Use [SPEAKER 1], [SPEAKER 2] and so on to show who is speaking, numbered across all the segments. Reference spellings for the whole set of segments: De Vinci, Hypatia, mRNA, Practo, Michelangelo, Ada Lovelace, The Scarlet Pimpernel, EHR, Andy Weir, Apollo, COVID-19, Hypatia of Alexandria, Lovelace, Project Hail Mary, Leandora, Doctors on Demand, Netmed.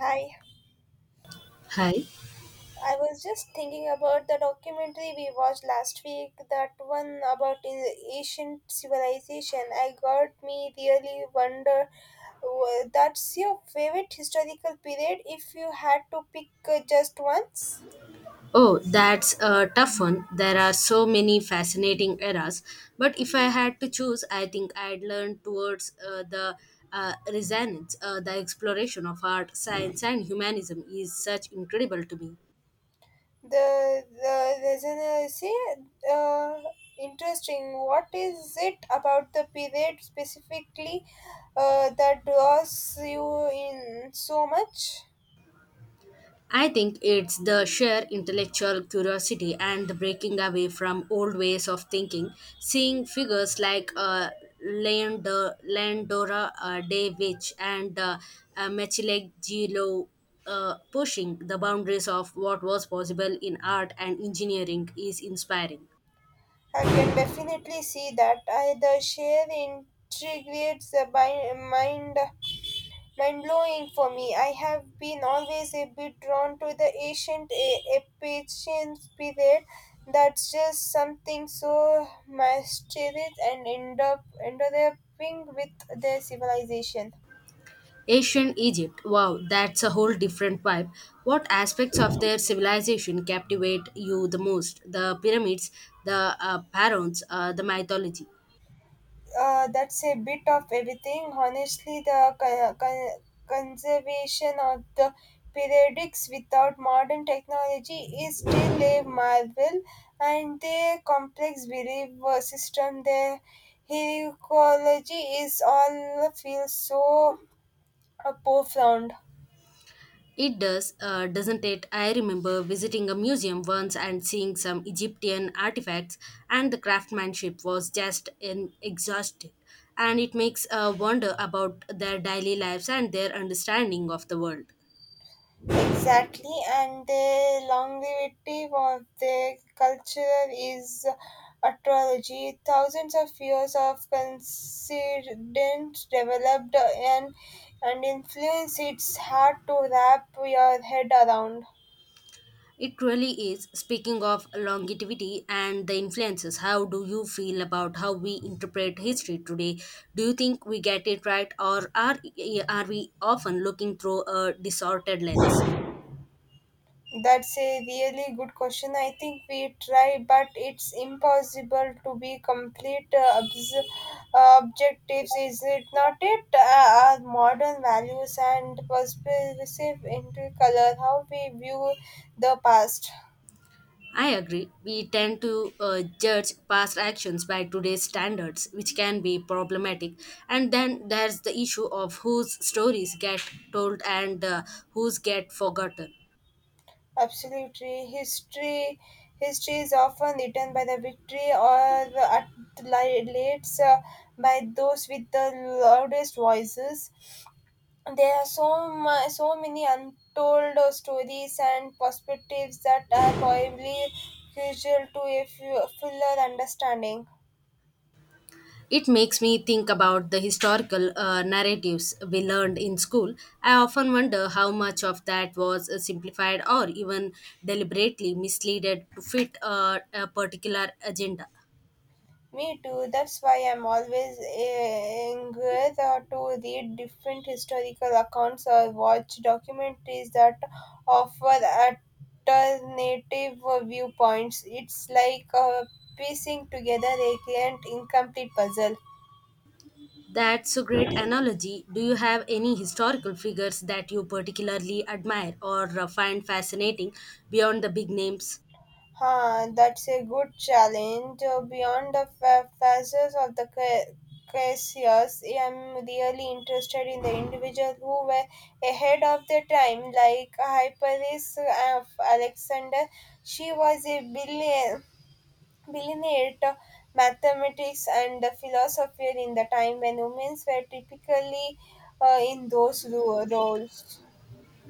[SPEAKER 1] Hi,
[SPEAKER 2] Hi.
[SPEAKER 1] I was just thinking about the documentary we watched last week, that one about ancient civilization. I got me really wonder. That's your favorite historical period, if you had to pick just once.
[SPEAKER 2] Oh, that's a tough one. There are so many fascinating eras. But if I had to choose, I think I'd learn towards the resonance. The exploration of art, science, and humanism is such incredible to me.
[SPEAKER 1] The resonance, uh, interesting. What is it about the period specifically that draws you in so much?
[SPEAKER 2] I think it's the sheer intellectual curiosity and the breaking away from old ways of thinking. Seeing figures like Leandor, Leandora De Vinci and Michelangelo pushing the boundaries of what was possible in art and engineering is inspiring.
[SPEAKER 1] I can definitely see that. I, the sheer intrigue is a mind blowing for me. I have been always a bit drawn to the ancient Egyptian period. That's just something so mysterious and end up endowing with their civilization.
[SPEAKER 2] Ancient Egypt, wow, that's a whole different vibe. What aspects of their civilization captivate you the most? The pyramids, the pharaohs, the mythology.
[SPEAKER 1] That's a bit of everything. Honestly, the conservation of the periodics without modern technology is still a marvel, and their complex belief system, their heliology, is all feels so profound.
[SPEAKER 2] It does, doesn't it? I remember visiting a museum once and seeing some Egyptian artifacts, and the craftsmanship was just in exhausted. And it makes a wonder about their daily lives and their understanding of the world.
[SPEAKER 1] Exactly, and the longevity of the culture is astrology. Thousands of years of coincidence developed and influence, it's hard to wrap your head around.
[SPEAKER 2] It really is. Speaking of longevity and the influences, how do you feel about how we interpret history today? Do you think we get it right, or are we often looking through a distorted lens?
[SPEAKER 1] That's a really good question. I think we try, but it's impossible to be complete objectives, is it not? It our modern values and perspective into color how we view the past.
[SPEAKER 2] I agree. We tend to judge past actions by today's standards, which can be problematic. And then there's the issue of whose stories get told and whose get forgotten.
[SPEAKER 1] Absolutely, history is often written by the victory or at lates by those with the loudest voices. There are so much, so many untold stories and perspectives that are probably crucial to a fuller understanding.
[SPEAKER 2] It makes me think about the historical narratives we learned in school. I often wonder how much of that was simplified or even deliberately misleaded to fit a particular agenda.
[SPEAKER 1] Me too. That's why I'm always eager to read different historical accounts or watch documentaries that offer alternative viewpoints. It's like piecing together a grand incomplete puzzle.
[SPEAKER 2] That's a great analogy. Do you have any historical figures that you particularly admire or find fascinating beyond the big names?
[SPEAKER 1] Huh, that's a good challenge. Beyond the phases of the cases, I'm really interested in the individuals who were ahead of their time, like Hyperis of Alexander. She was a billionaire to mathematics and the philosopher in the time when women were typically in those roles.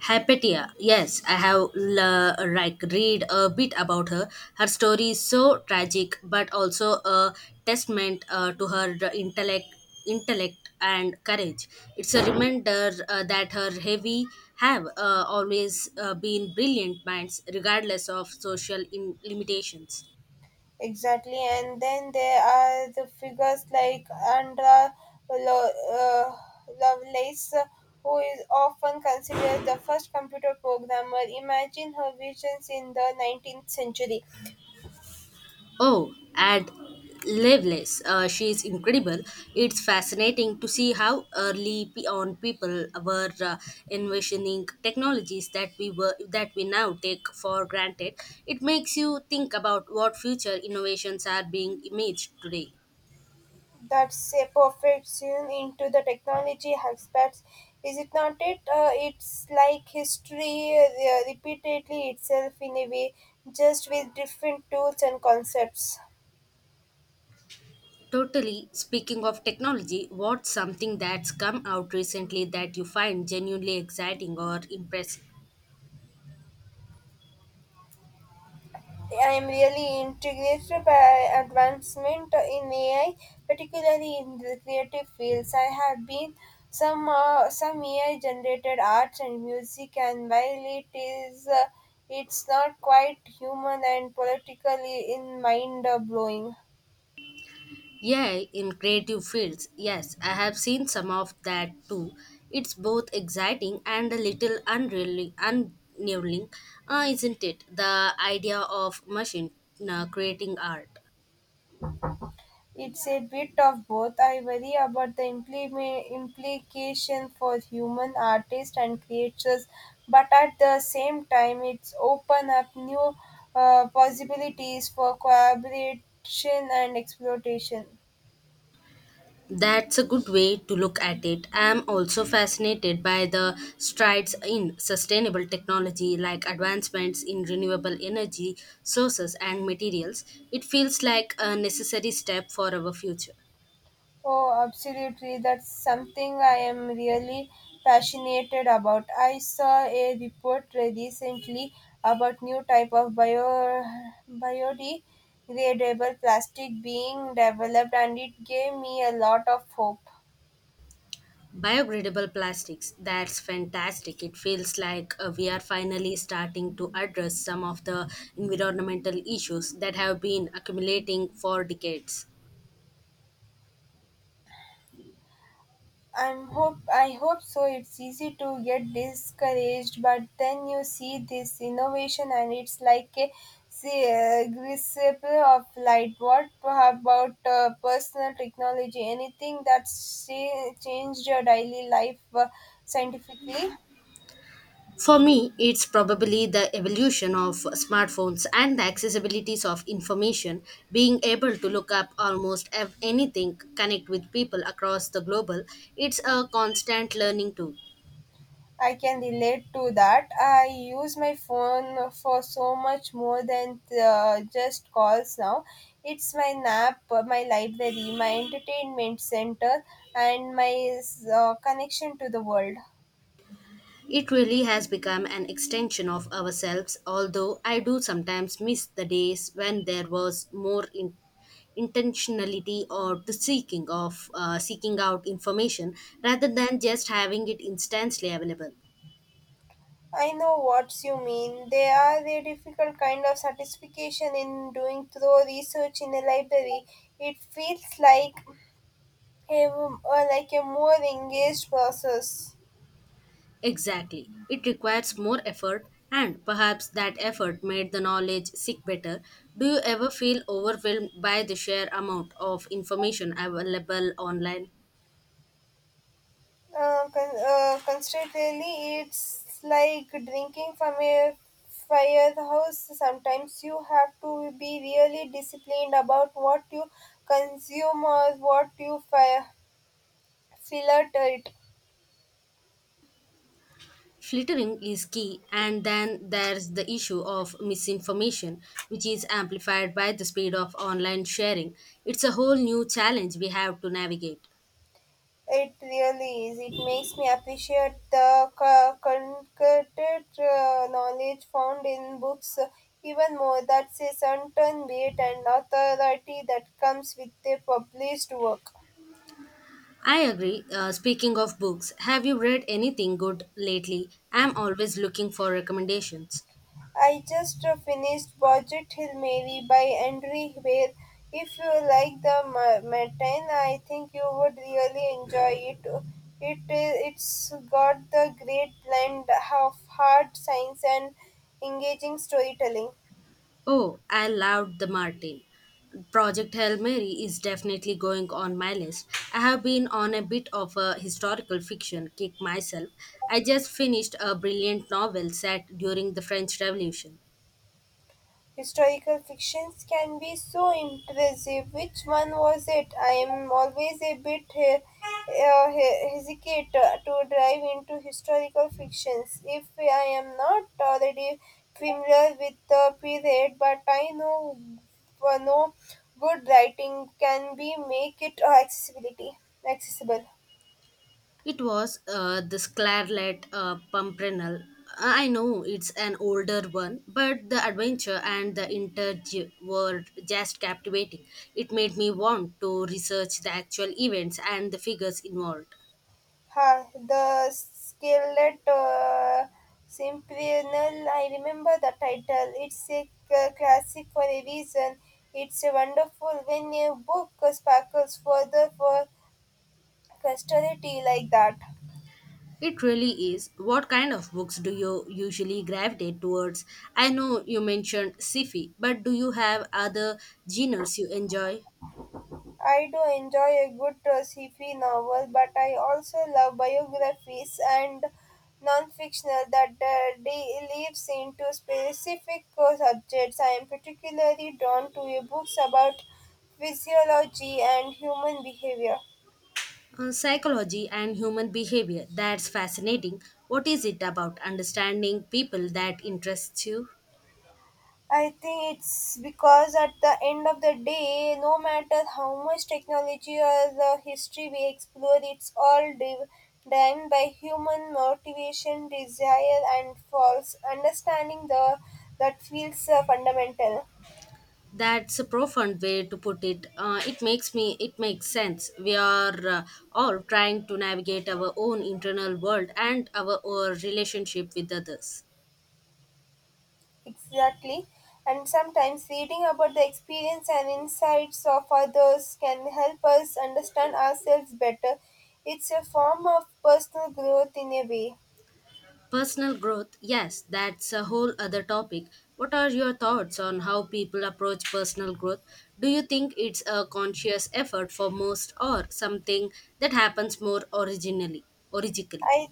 [SPEAKER 2] Hypatia. Yes, I have like read a bit about her. Her story is so tragic, but also a testament to her intellect and courage. It's a reminder that her heavy have always been brilliant minds, regardless of social limitations.
[SPEAKER 1] Exactly, and then there are the figures like Andra Lo- uh, Lovelace, who is often considered the first computer programmer. Imagine her visions in the 19th century.
[SPEAKER 2] Oh, and Lovelace, she is incredible. It's fascinating to see how early on people were envisioning technologies that we now take for granted. It makes you think about what future innovations are being imaged today.
[SPEAKER 1] That's a perfection into the technology aspects. Is it not? It it's like history repeatedly itself in a way, just with different tools and concepts.
[SPEAKER 2] Totally. Speaking of technology, what's something that's come out recently that you find genuinely exciting or impressive?
[SPEAKER 1] I'm really integrated by advancement in AI, particularly in the creative fields. I have been some AI generated arts and music, and while it is it's not quite human and politically in mind blowing.
[SPEAKER 2] Yeah, in creative fields. Yes, I have seen some of that too. It's both exciting and a little unnerving, isn't it? The idea of machine creating art.
[SPEAKER 1] It's a bit of both. I worry about the implication for human artists and creators, but at the same time, it's open up new possibilities for collaboration and exploitation.
[SPEAKER 2] That's a good way to look at it. I'm also fascinated by the strides in sustainable technology, like advancements in renewable energy sources and materials. It feels like a necessary step for our future.
[SPEAKER 1] Oh, absolutely. That's something I am really passionate about. I saw a report recently about new type of biodegradable plastic being developed, and it gave me a lot of hope.
[SPEAKER 2] Biodegradable plastics, that's fantastic. It feels like we are finally starting to address some of the environmental issues that have been accumulating for decades.
[SPEAKER 1] I hope so. It's easy to get discouraged, but then you see this innovation, and it's like a grasp of light. What about personal technology? Anything that's changed your daily life scientifically?
[SPEAKER 2] For me, it's probably the evolution of smartphones and the accessibilities of information, being able to look up almost anything, connect with people across the global, it's a constant learning tool.
[SPEAKER 1] I can relate to that. I use my phone for so much more than just calls now. It's my nap, my library, my entertainment center, and my connection to the world.
[SPEAKER 2] It really has become an extension of ourselves, although I do sometimes miss the days when there was more intentionality or the seeking of seeking out information rather than just having it instantly available.
[SPEAKER 1] I know what you mean. There are a difficult kind of satisfaction in doing thorough research in a library. It feels like like a more engaged process.
[SPEAKER 2] Exactly. It requires more effort, and perhaps that effort made the knowledge seek better. Do you ever feel overwhelmed by the sheer amount of information available online?
[SPEAKER 1] Constantly, it's like drinking from a firehouse. Sometimes you have to be really disciplined about what you consume or what you fire filter it.
[SPEAKER 2] Filtering is key, and then there's the issue of misinformation, which is amplified by the speed of online sharing. It's a whole new challenge we have to navigate.
[SPEAKER 1] It really is. It makes me appreciate the concocted knowledge found in books even more. That's a certain weight and authority that comes with a published work.
[SPEAKER 2] I agree. Speaking of books, have you read anything good lately? I'm always looking for recommendations.
[SPEAKER 1] I just finished *Budget Hill Mary by Andre Weir. If you like the Martin, I think you would really enjoy it. It's got the great blend of hard science and engaging storytelling.
[SPEAKER 2] Oh, I loved the Martin. Project Hail Mary is definitely going on my list. I have been on a bit of a historical fiction kick myself. I just finished a brilliant novel set during the French Revolution.
[SPEAKER 1] Historical fictions can be so impressive. Which one was it? I am always a bit hesitate to dive into historical fictions if I am not already familiar with the period, but I know no good writing can be make it accessibility accessible.
[SPEAKER 2] It was The Scarlet Pimpernel. I know it's an older one, but the adventure and the intrigue were just captivating. It made me want to research the actual events and the figures involved.
[SPEAKER 1] Ha, the Scarlet Pimpernel. I remember the title. It's a classic for a reason. It's a wonderful when a book sparkles further for posterity like that.
[SPEAKER 2] It really is. What kind of books do you usually gravitate towards? I know you mentioned sci-fi, but do you have other genres you enjoy?
[SPEAKER 1] I do enjoy a good sci-fi novel, but I also love biographies and non-fictional that delves into specific subjects. I am particularly drawn to books about physiology and human behavior.
[SPEAKER 2] Psychology and human behavior. That's fascinating. What is it about understanding people that interests you?
[SPEAKER 1] I think it's because at the end of the day, no matter how much technology or the history we explore, it's all driven by human motivation, desire, and false understanding. The that feels fundamental.
[SPEAKER 2] That's a profound way to put it. It makes me. It makes sense. We are all trying to navigate our own internal world and our relationship with others.
[SPEAKER 1] Exactly, and sometimes reading about the experience and insights of others can help us understand ourselves better. It's a form of personal growth in a way.
[SPEAKER 2] Personal growth, yes, that's a whole other topic. What are your thoughts on how people approach personal growth? Do you think it's a conscious effort for most or something that happens more originally?
[SPEAKER 1] I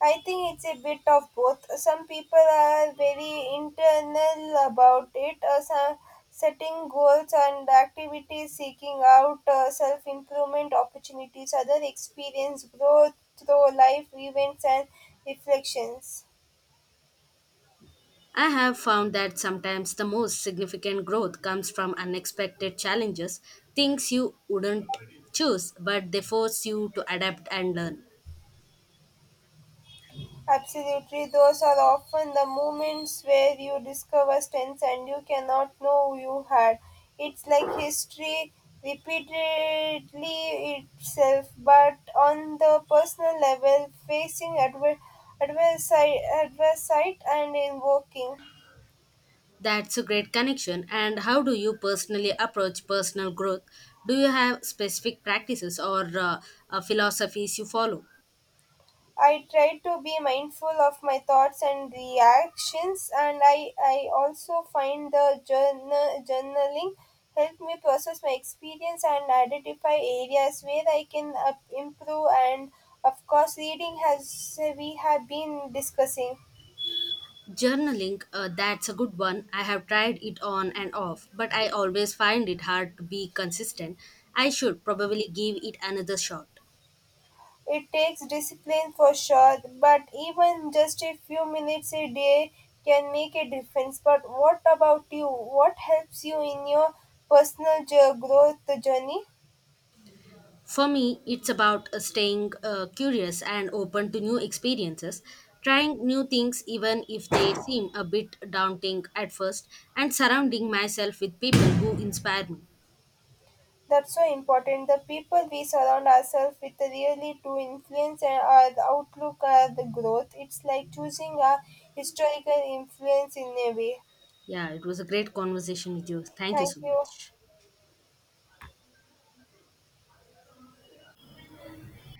[SPEAKER 1] I think it's a bit of both. Some people are very internal about it, some setting goals and activities, seeking out self improvement opportunities, other experience growth through life events and reflections.
[SPEAKER 2] I have found that sometimes the most significant growth comes from unexpected challenges, things you wouldn't choose, but they force you to adapt and learn.
[SPEAKER 1] Absolutely, those are often the moments where you discover strengths and you cannot know you had. It's like history repeatedly itself, but on the personal level, facing adversity and invoking.
[SPEAKER 2] That's a great connection. And how do you personally approach personal growth? Do you have specific practices or philosophies you follow?
[SPEAKER 1] I try to be mindful of my thoughts and reactions, and I also find the journaling help me process my experience and identify areas where I can improve. And of course, reading has we have been discussing.
[SPEAKER 2] Journaling, that's a good one. I have tried it on and off, but I always find it hard to be consistent. I should probably give it another shot.
[SPEAKER 1] It takes discipline for sure, but even just a few minutes a day can make a difference. But what about you? What helps you in your personal growth journey?
[SPEAKER 2] For me, it's about staying curious and open to new experiences, trying new things even if they seem a bit daunting at first, and surrounding myself with people who inspire me.
[SPEAKER 1] That's so important. The people we surround ourselves with really do influence and our outlook or the growth. It's like choosing a historical influence in a way.
[SPEAKER 2] Yeah, it was a great conversation with you. Thank you
[SPEAKER 1] Thank
[SPEAKER 2] so
[SPEAKER 1] you.
[SPEAKER 2] much.